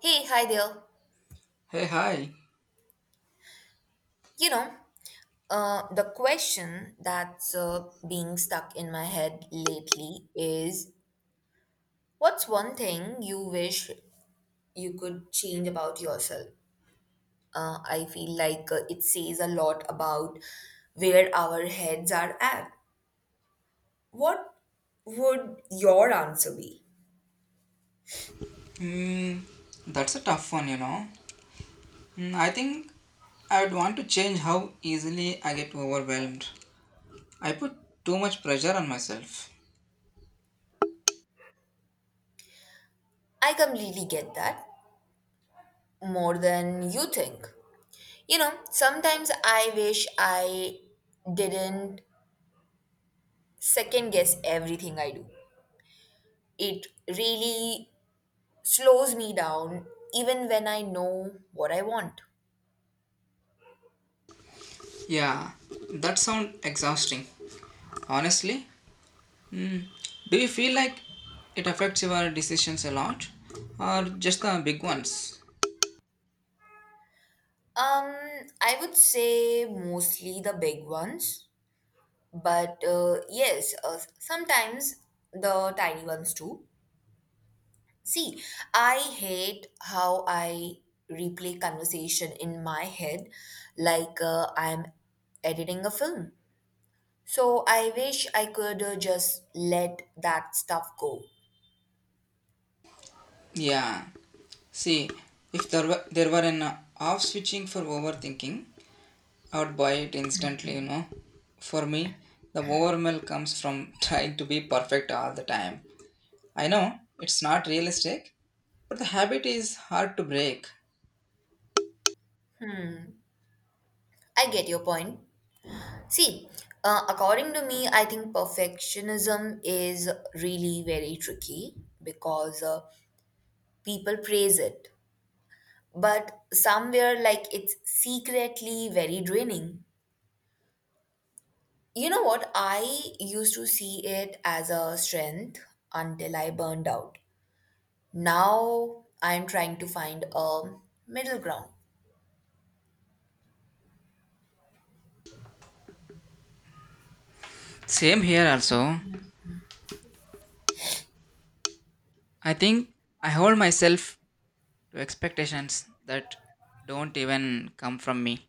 Hey, hi there. Hey, hi. You know, the question that's being stuck in my head lately is, what's one thing you wish you could change about yourself? I feel like it says a lot about where our heads are at. What would your answer be? Hmm, that's a tough one. I think I would want to change how easily I get overwhelmed. I put too much pressure on myself. I completely get that, more than you think. You know, sometimes I wish I didn't second guess everything I do. It really slows me down even when I know what I want. Yeah, that sounds exhausting. Honestly, hmm, do you feel like it affects your decisions a lot or just the big ones? Um, I would say mostly the big ones, but yes, sometimes the tiny ones too. See, I hate how I replay conversation in my head, like I'm editing a film. So I wish I could just let that stuff go. Yeah, see, if there were an off switching for overthinking, I would buy it instantly. For me, the overwhelm comes from trying to be perfect all the time. I know it's not realistic, but the habit is hard to break. I get your point. See, according to me, I think perfectionism is really very tricky because people praise it, but somewhere like it's secretly very draining. You know what? I used to see it as a strength until I burned out. Now I'm trying to find a middle ground. Same here also. I think I hold myself to expectations that don't even come from me.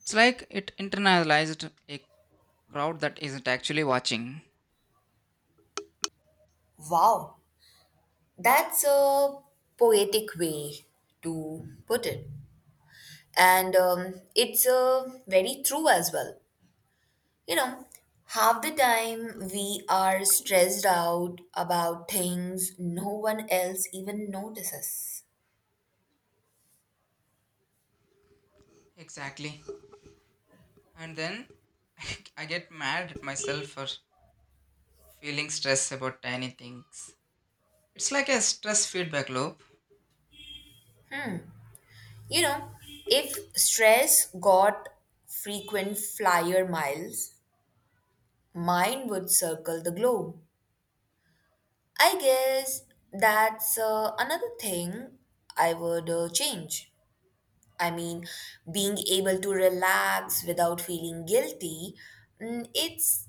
It's like it internalized a crowd that isn't actually watching. Wow, that's a poetic way to put it. And it's very true as well. You know, half the time we are stressed out about things no one else even notices. Exactly. And then I get mad at myself for feeling stress about tiny things. It's like a stress feedback loop. You know, if stress got frequent flyer miles, mine would circle the globe. I guess that's another thing I would change. I mean, being able to relax without feeling guilty. It's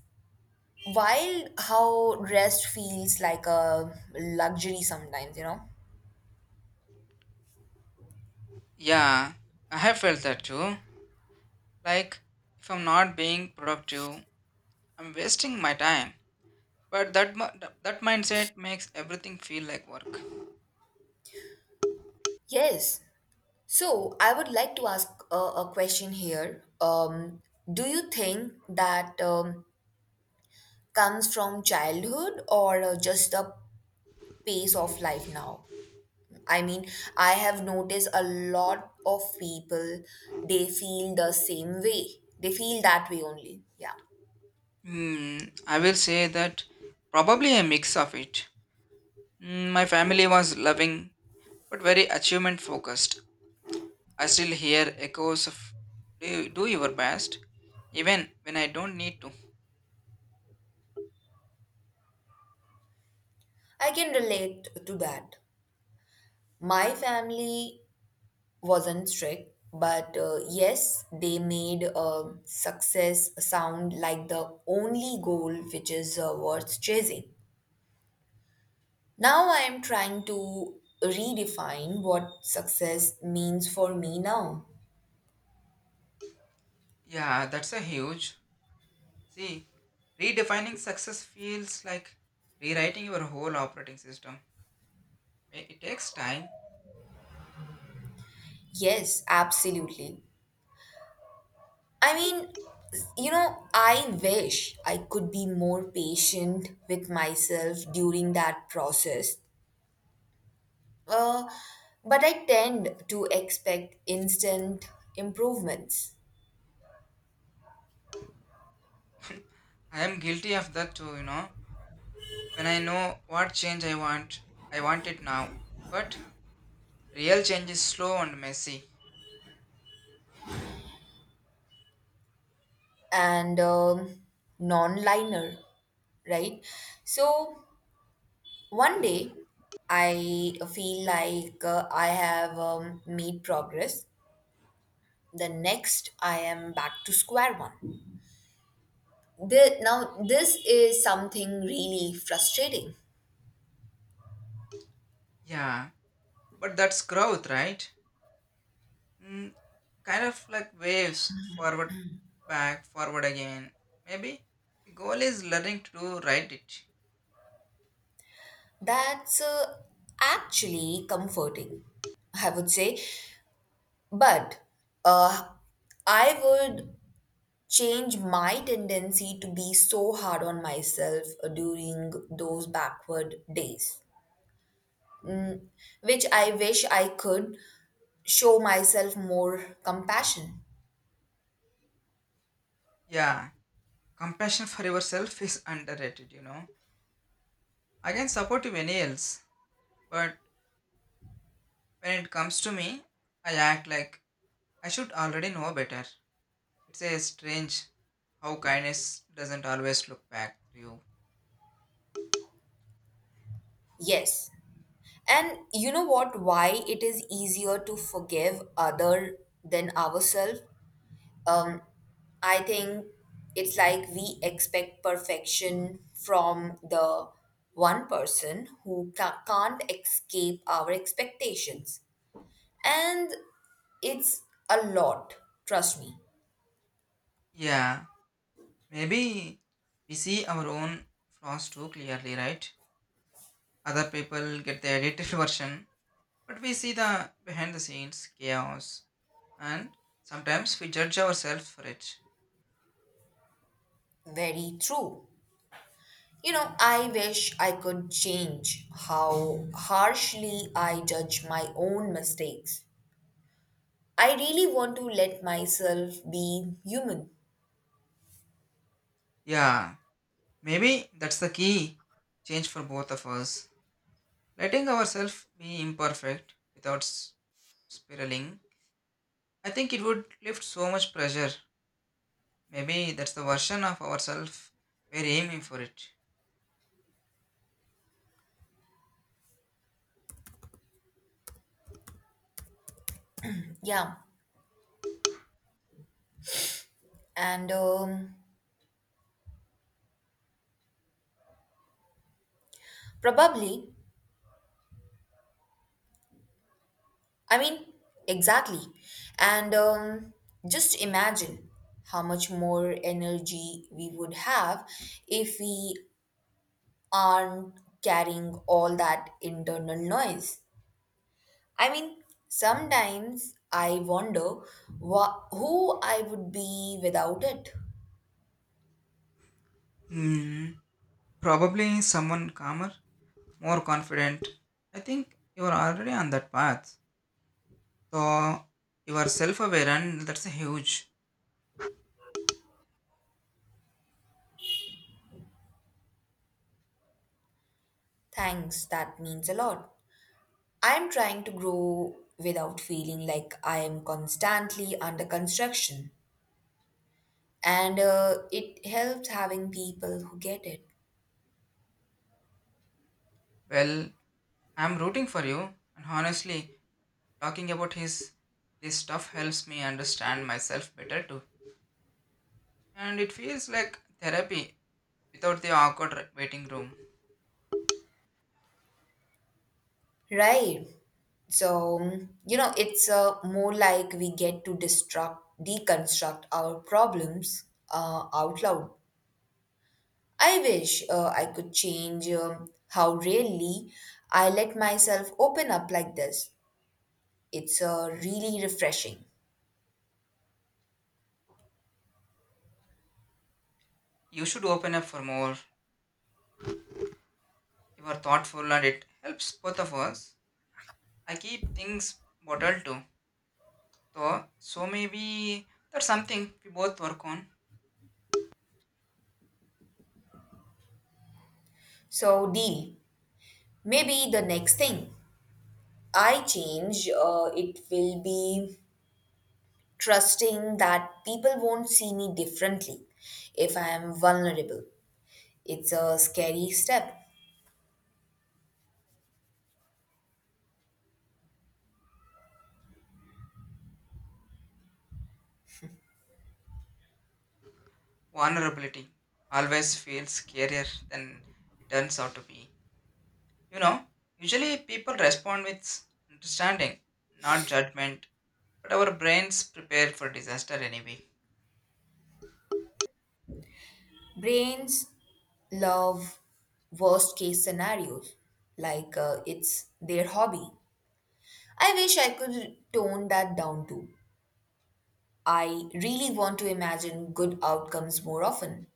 wild how rest feels like a luxury sometimes, you know? Yeah, I have felt that too. Like, if I'm not being productive, I'm wasting my time. But that mindset makes everything feel like work. Yes. So I would like to ask a question here. Do you think that comes from childhood or just the pace of life now? I mean, I have noticed a lot of people, they feel the same way. They feel that way only. Yeah. Hmm, I will say that probably a mix of it. My family was loving but very achievement focused. I still hear echoes of do your best even when I don't need to. I can relate to that. My family wasn't strict, but yes, they made success sound like the only goal, which is worth chasing. Now I am trying to redefine what success means for me now. Yeah, that's a huge. See, redefining success feels like rewriting your whole operating system. It takes time. Yes, absolutely. I mean, you know, I wish I could be more patient with myself during that process. Uh, but I tend to expect instant improvements. I am guilty of that too. When I know what change I want it now. But real change is slow and messy. And non-liner, right? So one day I feel like I have made progress, the next I am back to square one. Now this is something really frustrating. Yeah, but that's growth, right? Mm, kind of like waves forward, back, forward again. Maybe the goal is learning to do right it. That's actually comforting, I would say, but uh, I would change my tendency to be so hard on myself during those backward days. mm, which I wish I could show myself more compassion. Yeah, compassion for yourself is underrated. I can support you any else, but when it comes to me, I act like I should already know better. It's a strange how kindness doesn't always look back to you. Yes. And you know what? Why it is easier to forgive other than ourselves? Um, I think it's like we expect perfection from the one person who can't escape our expectations. And it's a lot, trust me. Yeah, maybe we see our own flaws too clearly, right? Other people get the edited version, but we see the behind the scenes chaos and sometimes we judge ourselves for it. Very true. You know, I wish I could change how harshly I judge my own mistakes. I really want to let myself be human. Yeah, maybe that's the key change for both of us. Letting ourselves be imperfect without spiraling. I think it would lift so much pressure. Maybe that's the version of ourselves we're aiming for it. Yeah. And probably, I mean, exactly. And just imagine how much more energy we would have if we aren't carrying all that internal noise. I mean, sometimes I wonder who I would be without it. Hmm. Probably someone calmer, more confident. I think you are already on that path. So you are self-aware and that's a huge. Thanks, that means a lot. I'm trying to grow without feeling like I am constantly under construction. And it helps having people who get it. Well, I'm rooting for you. And honestly, talking about his this stuff helps me understand myself better too. And it feels like therapy without the awkward waiting room. Right. So, you know, it's more like we get to deconstruct our problems out loud. I wish I could change how rarely I let myself open up like this. It's really refreshing. You should open up for more. You are thoughtful and it helps both of us. I keep things bottled too. So maybe that's something we both work on. So, deal. Maybe the next thing I change, it will be trusting that people won't see me differently if I am vulnerable. It's a scary step. Vulnerability always feels scarier than it turns out to be. You know, usually people respond with understanding, not judgment, but our brains prepare for disaster anyway. Brains love worst case scenarios, like it's their hobby. I wish I could tone that down too. I really want to imagine good outcomes more often.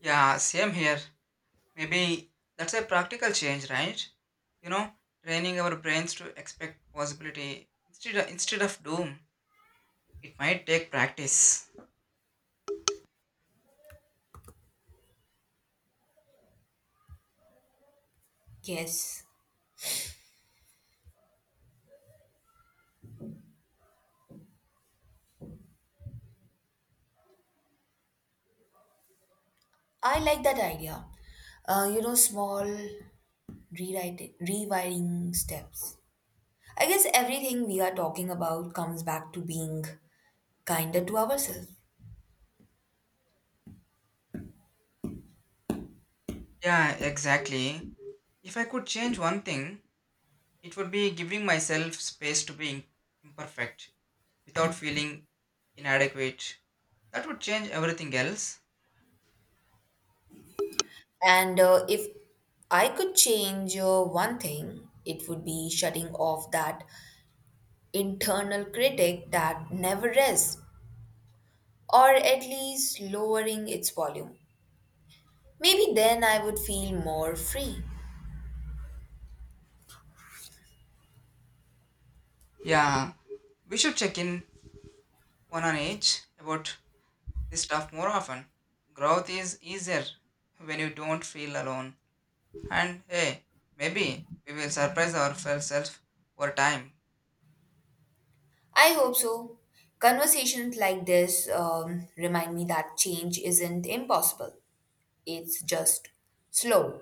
Yeah, same here. Maybe that's a practical change, right? You know, training our brains to expect possibility instead of doom. It might take practice. Yes, I like that idea. You know, small rewiring steps. I guess everything we are talking about comes back to being kinder to ourselves. Yeah, exactly. If I could change one thing, it would be giving myself space to be imperfect without feeling inadequate. That would change everything else. And if I could change one thing, it would be shutting off that internal critic that never rests, or at least lowering its volume. Maybe then I would feel more free. Yeah, we should check in one on each about this stuff more often. Growth is easier when you don't feel alone. And hey, maybe we will surprise ourselves over time. I hope so. Conversations like this remind me that change isn't impossible, it's just slow.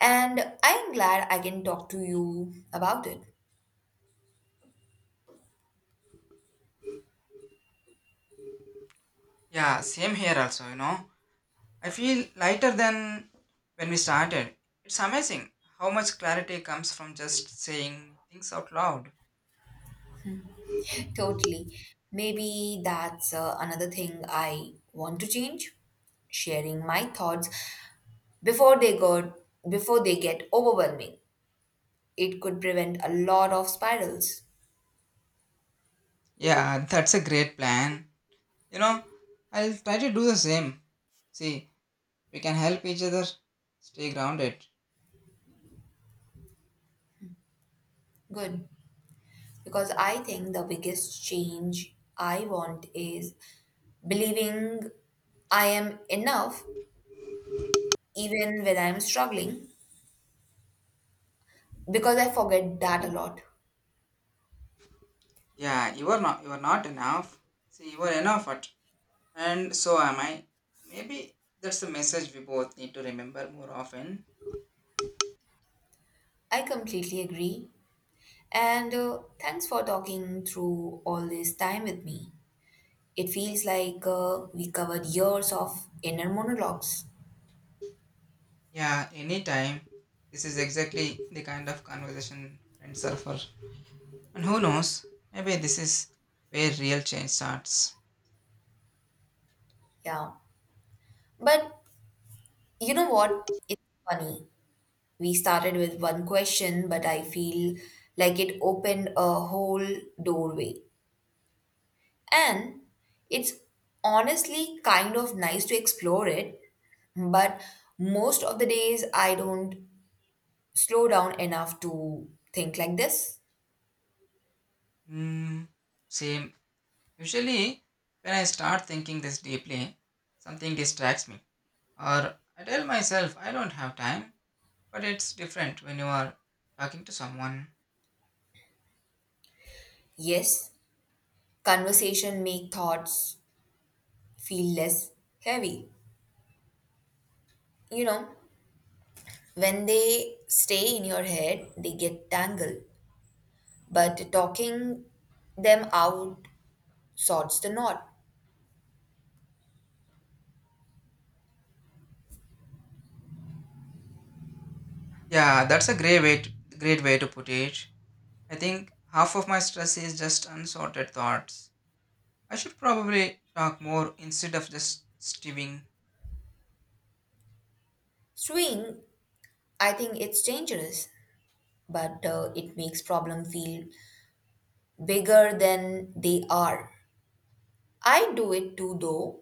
And I'm glad I can talk to you about it. Yeah, same here also. I feel lighter than when we started. It's amazing how much clarity comes from just saying things out loud. Totally. Maybe that's another thing I want to change: sharing my thoughts before they go before they get overwhelming. It could prevent a lot of spirals. Yeah, that's a great plan. You know, I'll try to do the same. See, we can help each other stay grounded. Good, because I think the biggest change I want is believing I am enough even when I am struggling, because I forget that a lot. Yeah, you are not enough. See, you are enough at and so am I. Maybe that's the message we both need to remember more often. I completely agree. And thanks for talking through all this time with me. It feels like we covered years of inner monologues. Yeah, anytime. This is exactly the kind of conversation friends are for. And who knows, maybe this is where real change starts. Yeah. But you know what? It's funny. We started with one question, but I feel like it opened a whole doorway. And it's honestly kind of nice to explore it, but most of the days I don't slow down enough to think like this. Hmm, same. Usually, when I start thinking this deeply, something distracts me. Or I tell myself I don't have time, but it's different when you are talking to someone. Yes, conversation make thoughts feel less heavy. You know, when they stay in your head, they get tangled, but talking them out sorts the knot. Yeah, that's a great way to put it. I think half of my stress is just unsorted thoughts. I should probably talk more instead of just stewing. Swing, I think it's dangerous, but it makes problem feel bigger than they are. I do it too though.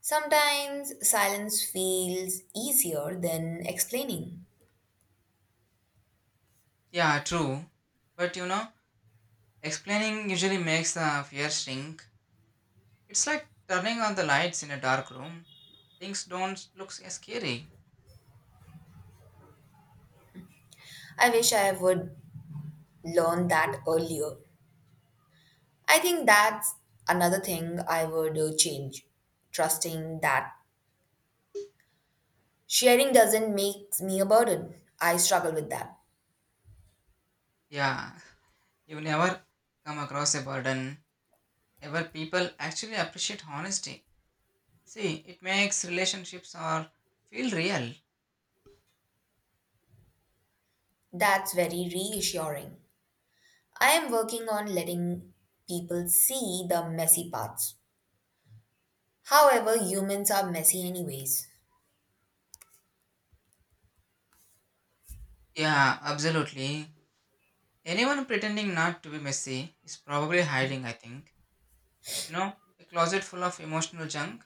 Sometimes silence feels easier than explaining. Yeah, true. But explaining usually makes the fear shrink. It's like turning on the lights in a dark room. Things don't look as scary. I wish I would learn that earlier. I think that's another thing I would change. Trusting that sharing doesn't make me a burden. I struggle with that. Yeah, you never come across a burden. Ever people actually appreciate honesty. See, it makes relationships or feel real. That's very reassuring. I am working on letting people see the messy parts. However, humans are messy anyways. Yeah, absolutely. Anyone pretending not to be messy is probably hiding, I think. You know, a closet full of emotional junk.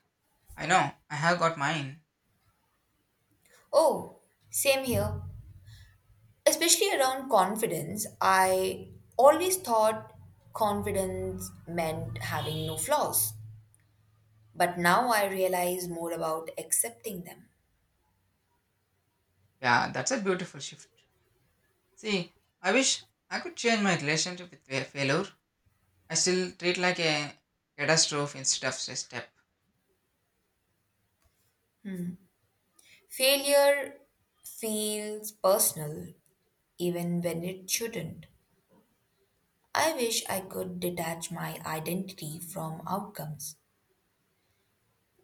I know, I have got mine. Oh, same here. Especially around confidence, I always thought confidence meant having no flaws. But now I realize more about accepting them. Yeah, that's a beautiful shift. See, I wish I could change my relationship with failure. I still treat like a catastrophe instead of a step. Failure feels personal even when it shouldn't. I wish I could detach my identity from outcomes.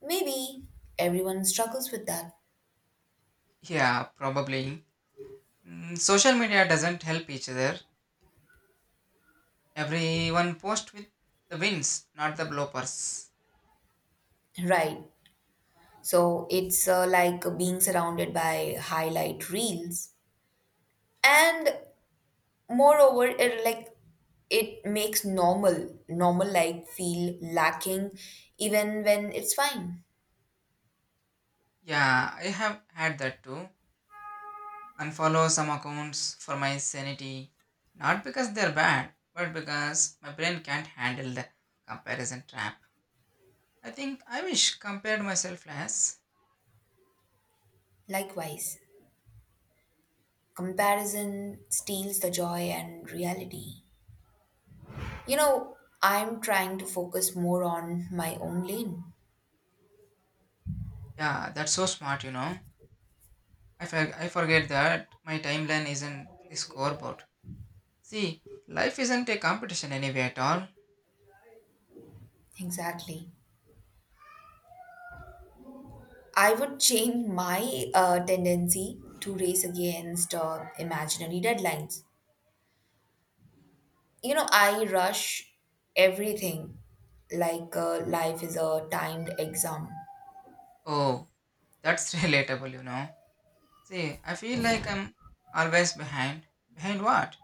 Maybe everyone struggles with that. Yeah, probably. Social media doesn't help each other. Everyone posts with the wins, not the bloopers. Right. So it's like being surrounded by highlight reels. And moreover, it like it makes normal life feel lacking even when it's fine. Yeah, I have had that too. Unfollow some accounts for my sanity. Not because they're bad, but because my brain can't handle the comparison trap. I think I wish compared myself less. Likewise, comparison steals the joy and reality. You know, I'm trying to focus more on my own lane. Yeah, that's so smart. I forget that my timeline isn't a scoreboard. See, life isn't a competition anyway at all. Exactly. I would change my tendency to race against imaginary deadlines. You know, I rush everything like life is a timed exam. Oh, that's relatable. See, I feel like I'm always behind. Behind what?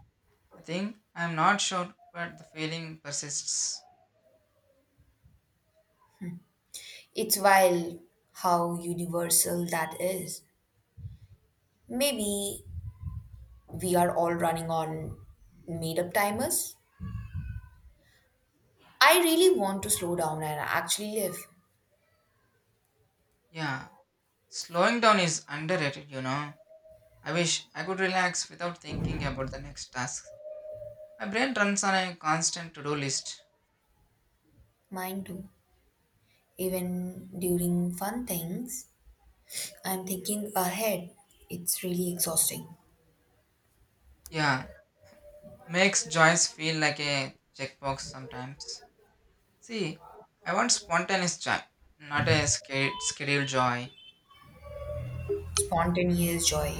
I think I'm not sure, but the feeling persists. It's wild how universal that is. Maybe we are all running on made up timers. I really want to slow down and actually live. Yeah, slowing down is underrated. I wish I could relax without thinking about the next task. My brain runs on a constant to do list. Mine too. Even during fun things, I'm thinking ahead. It's really exhausting. Yeah, makes joys feel like a checkbox sometimes. See, I want spontaneous joy, not a scheduled joy. Spontaneous joy.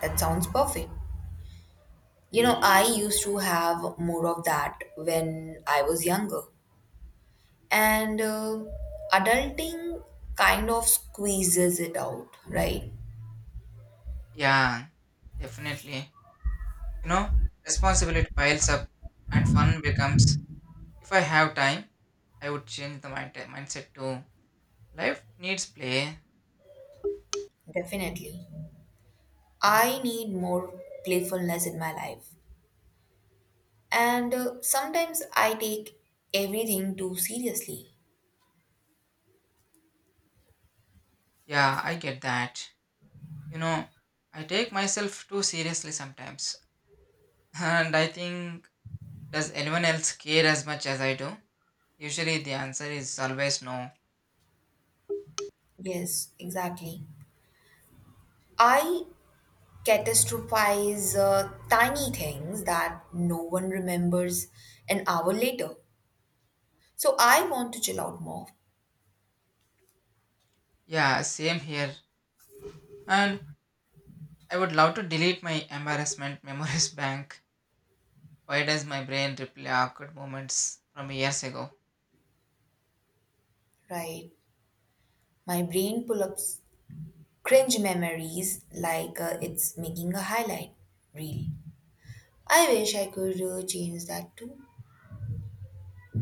That sounds perfect. You know, I used to have more of that when I was younger. And adulting kind of squeezes it out, right? Yeah, definitely. You know, responsibility piles up and fun becomes. If I have time, I would change the mindset too. Life needs play. Definitely. I need more playfulness in my life. And sometimes I take everything too seriously. Yeah, I get that. You know, I take myself too seriously sometimes. And I think, does anyone else care as much as I do? Usually the answer is always no. Yes, exactly. I catastrophize tiny things that no one remembers an hour later. So I want to chill out more, Yeah, same here. And I would love to delete my embarrassment memories bank. Why does my brain replay awkward moments from years ago? right? My brain pull up cringe memories like it's making a highlight reel. I wish I could change that too.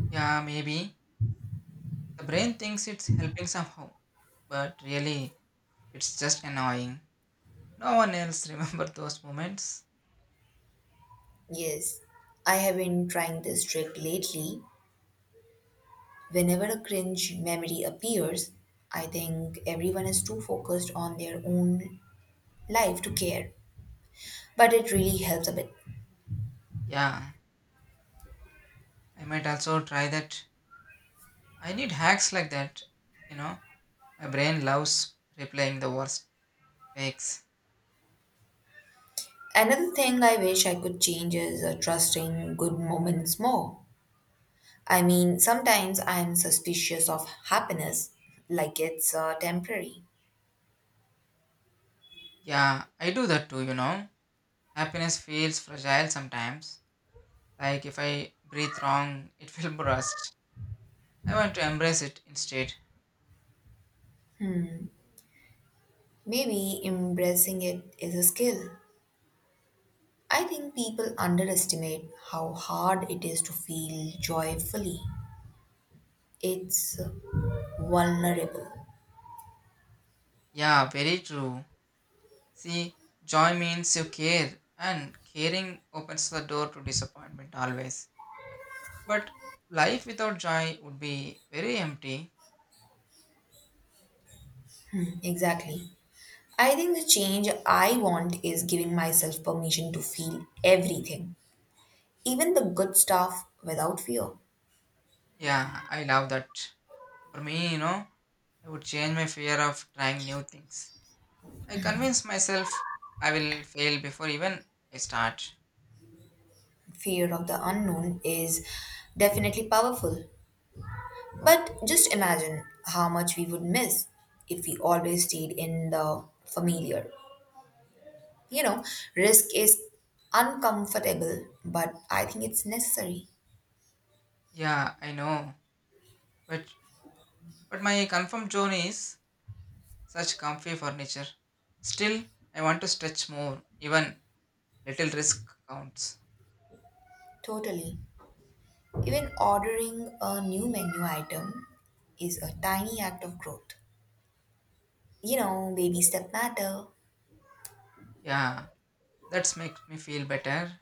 Yeah, maybe. The brain thinks it's helping somehow, but really, it's just annoying. No one else remember those moments. Yes, I have been trying this trick lately. Whenever a cringe memory appears, I think everyone is too focused on their own life to care, but it really helps a bit. Yeah, I might also try that. I need hacks like that. You know, my brain loves replaying the worst takes. Another thing I wish I could change is trusting good moments more. I mean, sometimes I'm suspicious of happiness, like it's temporary. Yeah, I do that too. Happiness feels fragile sometimes. Like if I breathe wrong, it will burst. I want to embrace it instead. Maybe embracing it is a skill. I think people underestimate how hard it is to feel joyfully. It's vulnerable. Yeah, very true. See, joy means you care, and caring opens the door to disappointment always. But life without joy would be very empty. Exactly. I think the change I want is giving myself permission to feel everything, even the good stuff, without fear. Yeah, I love that. For me, I would change my fear of trying new things. I convince myself I will fail before even I start. Fear of the unknown is definitely powerful. But just imagine how much we would miss if we always stayed in the familiar. You know, risk is uncomfortable, but I think it's necessary. Yeah, I know. But but my confirmed zone is such comfy furniture. Still, I want to stretch more, even little risk counts. Totally. Even ordering a new menu item is a tiny act of growth. You know, baby step matter. Yeah, that makes me feel better.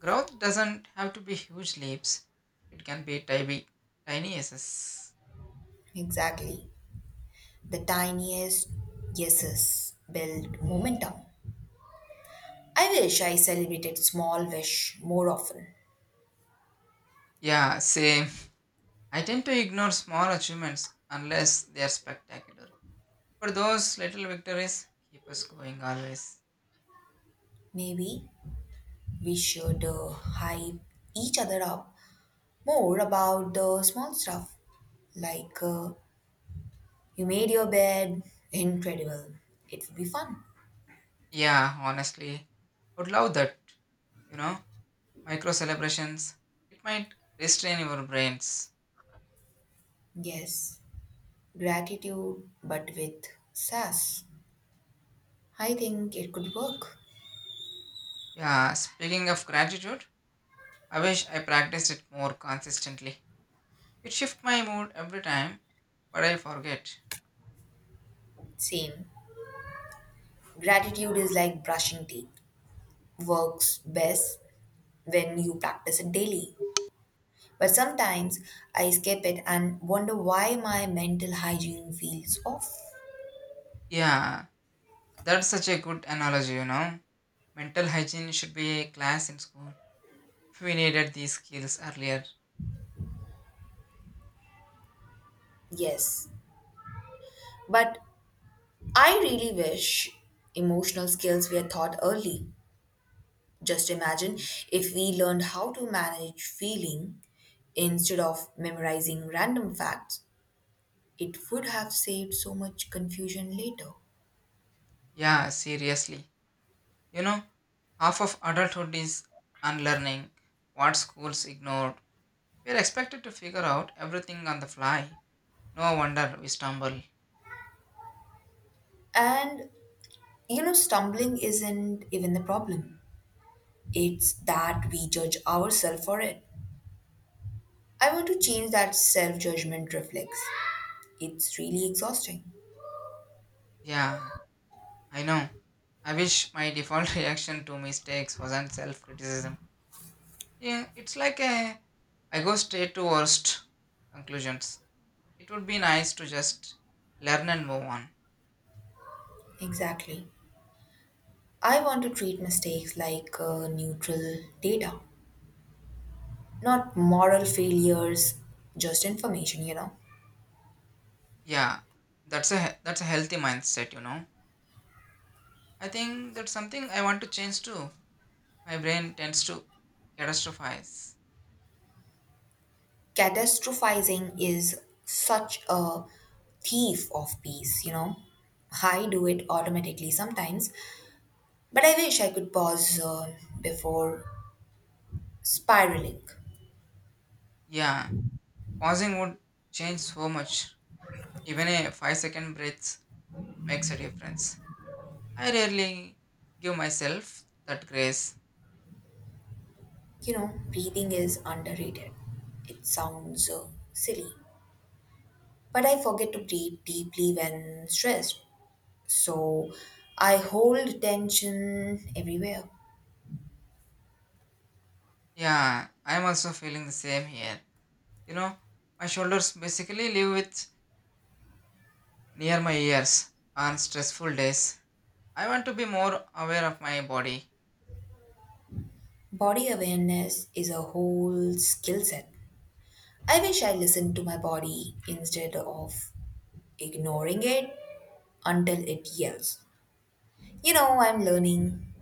Growth doesn't have to be huge leaps. It can be tiny, tiny yeses. Exactly. The tiniest yeses build momentum. I wish I celebrated small wish more often. Yeah, same. I tend to ignore small achievements unless they are spectacular. But those little victories keep us going always. Maybe we should hype each other up more about the small stuff. Like you made your bed, incredible. It would be fun. Yeah, honestly, would love that. You know, micro celebrations. It might restrain your brains. Yes, gratitude but with sass. I think it could work. Yeah, speaking of gratitude, I wish I practiced it more consistently. It shifts my mood every time, but I forget. Same. Gratitude is like brushing teeth. Works best when you practice it daily. But sometimes I skip it and wonder why my mental hygiene feels off. Yeah, that's such a good analogy. Mental hygiene should be a class in school. We needed these skills earlier. Yes, but I really wish emotional skills were taught early. Just imagine if we learned how to manage feeling instead of memorizing random facts, it would have saved so much confusion later. Yeah, seriously. You know, half of adulthood is unlearning what schools ignored. We're expected to figure out everything on the fly. No wonder we stumble. And you know, stumbling isn't even the problem, it's that we judge ourselves for it. I want to change that self judgment reflex. It's really exhausting. Yeah, I know. I wish my default reaction to mistakes wasn't self criticism. Yeah, it's like a I go straight to worst conclusions. It would be nice to just learn and move on. Exactly. I want to treat mistakes like neutral data, not moral failures, just information, you know. Yeah, that's a healthy mindset. I think that's something I want to change too. My brain tends to catastrophize. Catastrophizing is such a thief of peace, you know. I do it automatically sometimes, but I wish I could pause before spiraling. Yeah, pausing would change so much. Even a 5-second breath makes a difference. I rarely give myself that grace. You know, breathing is underrated. It sounds silly, but I forget to breathe deeply when stressed. So I hold tension everywhere. Yeah, I'm also feeling the same here. You know, my shoulders basically live with near my ears on stressful days. I want to be more aware of my body. Body awareness is a whole skill set. I wish I listened to my body instead of ignoring it until it yells. You know, I'm learning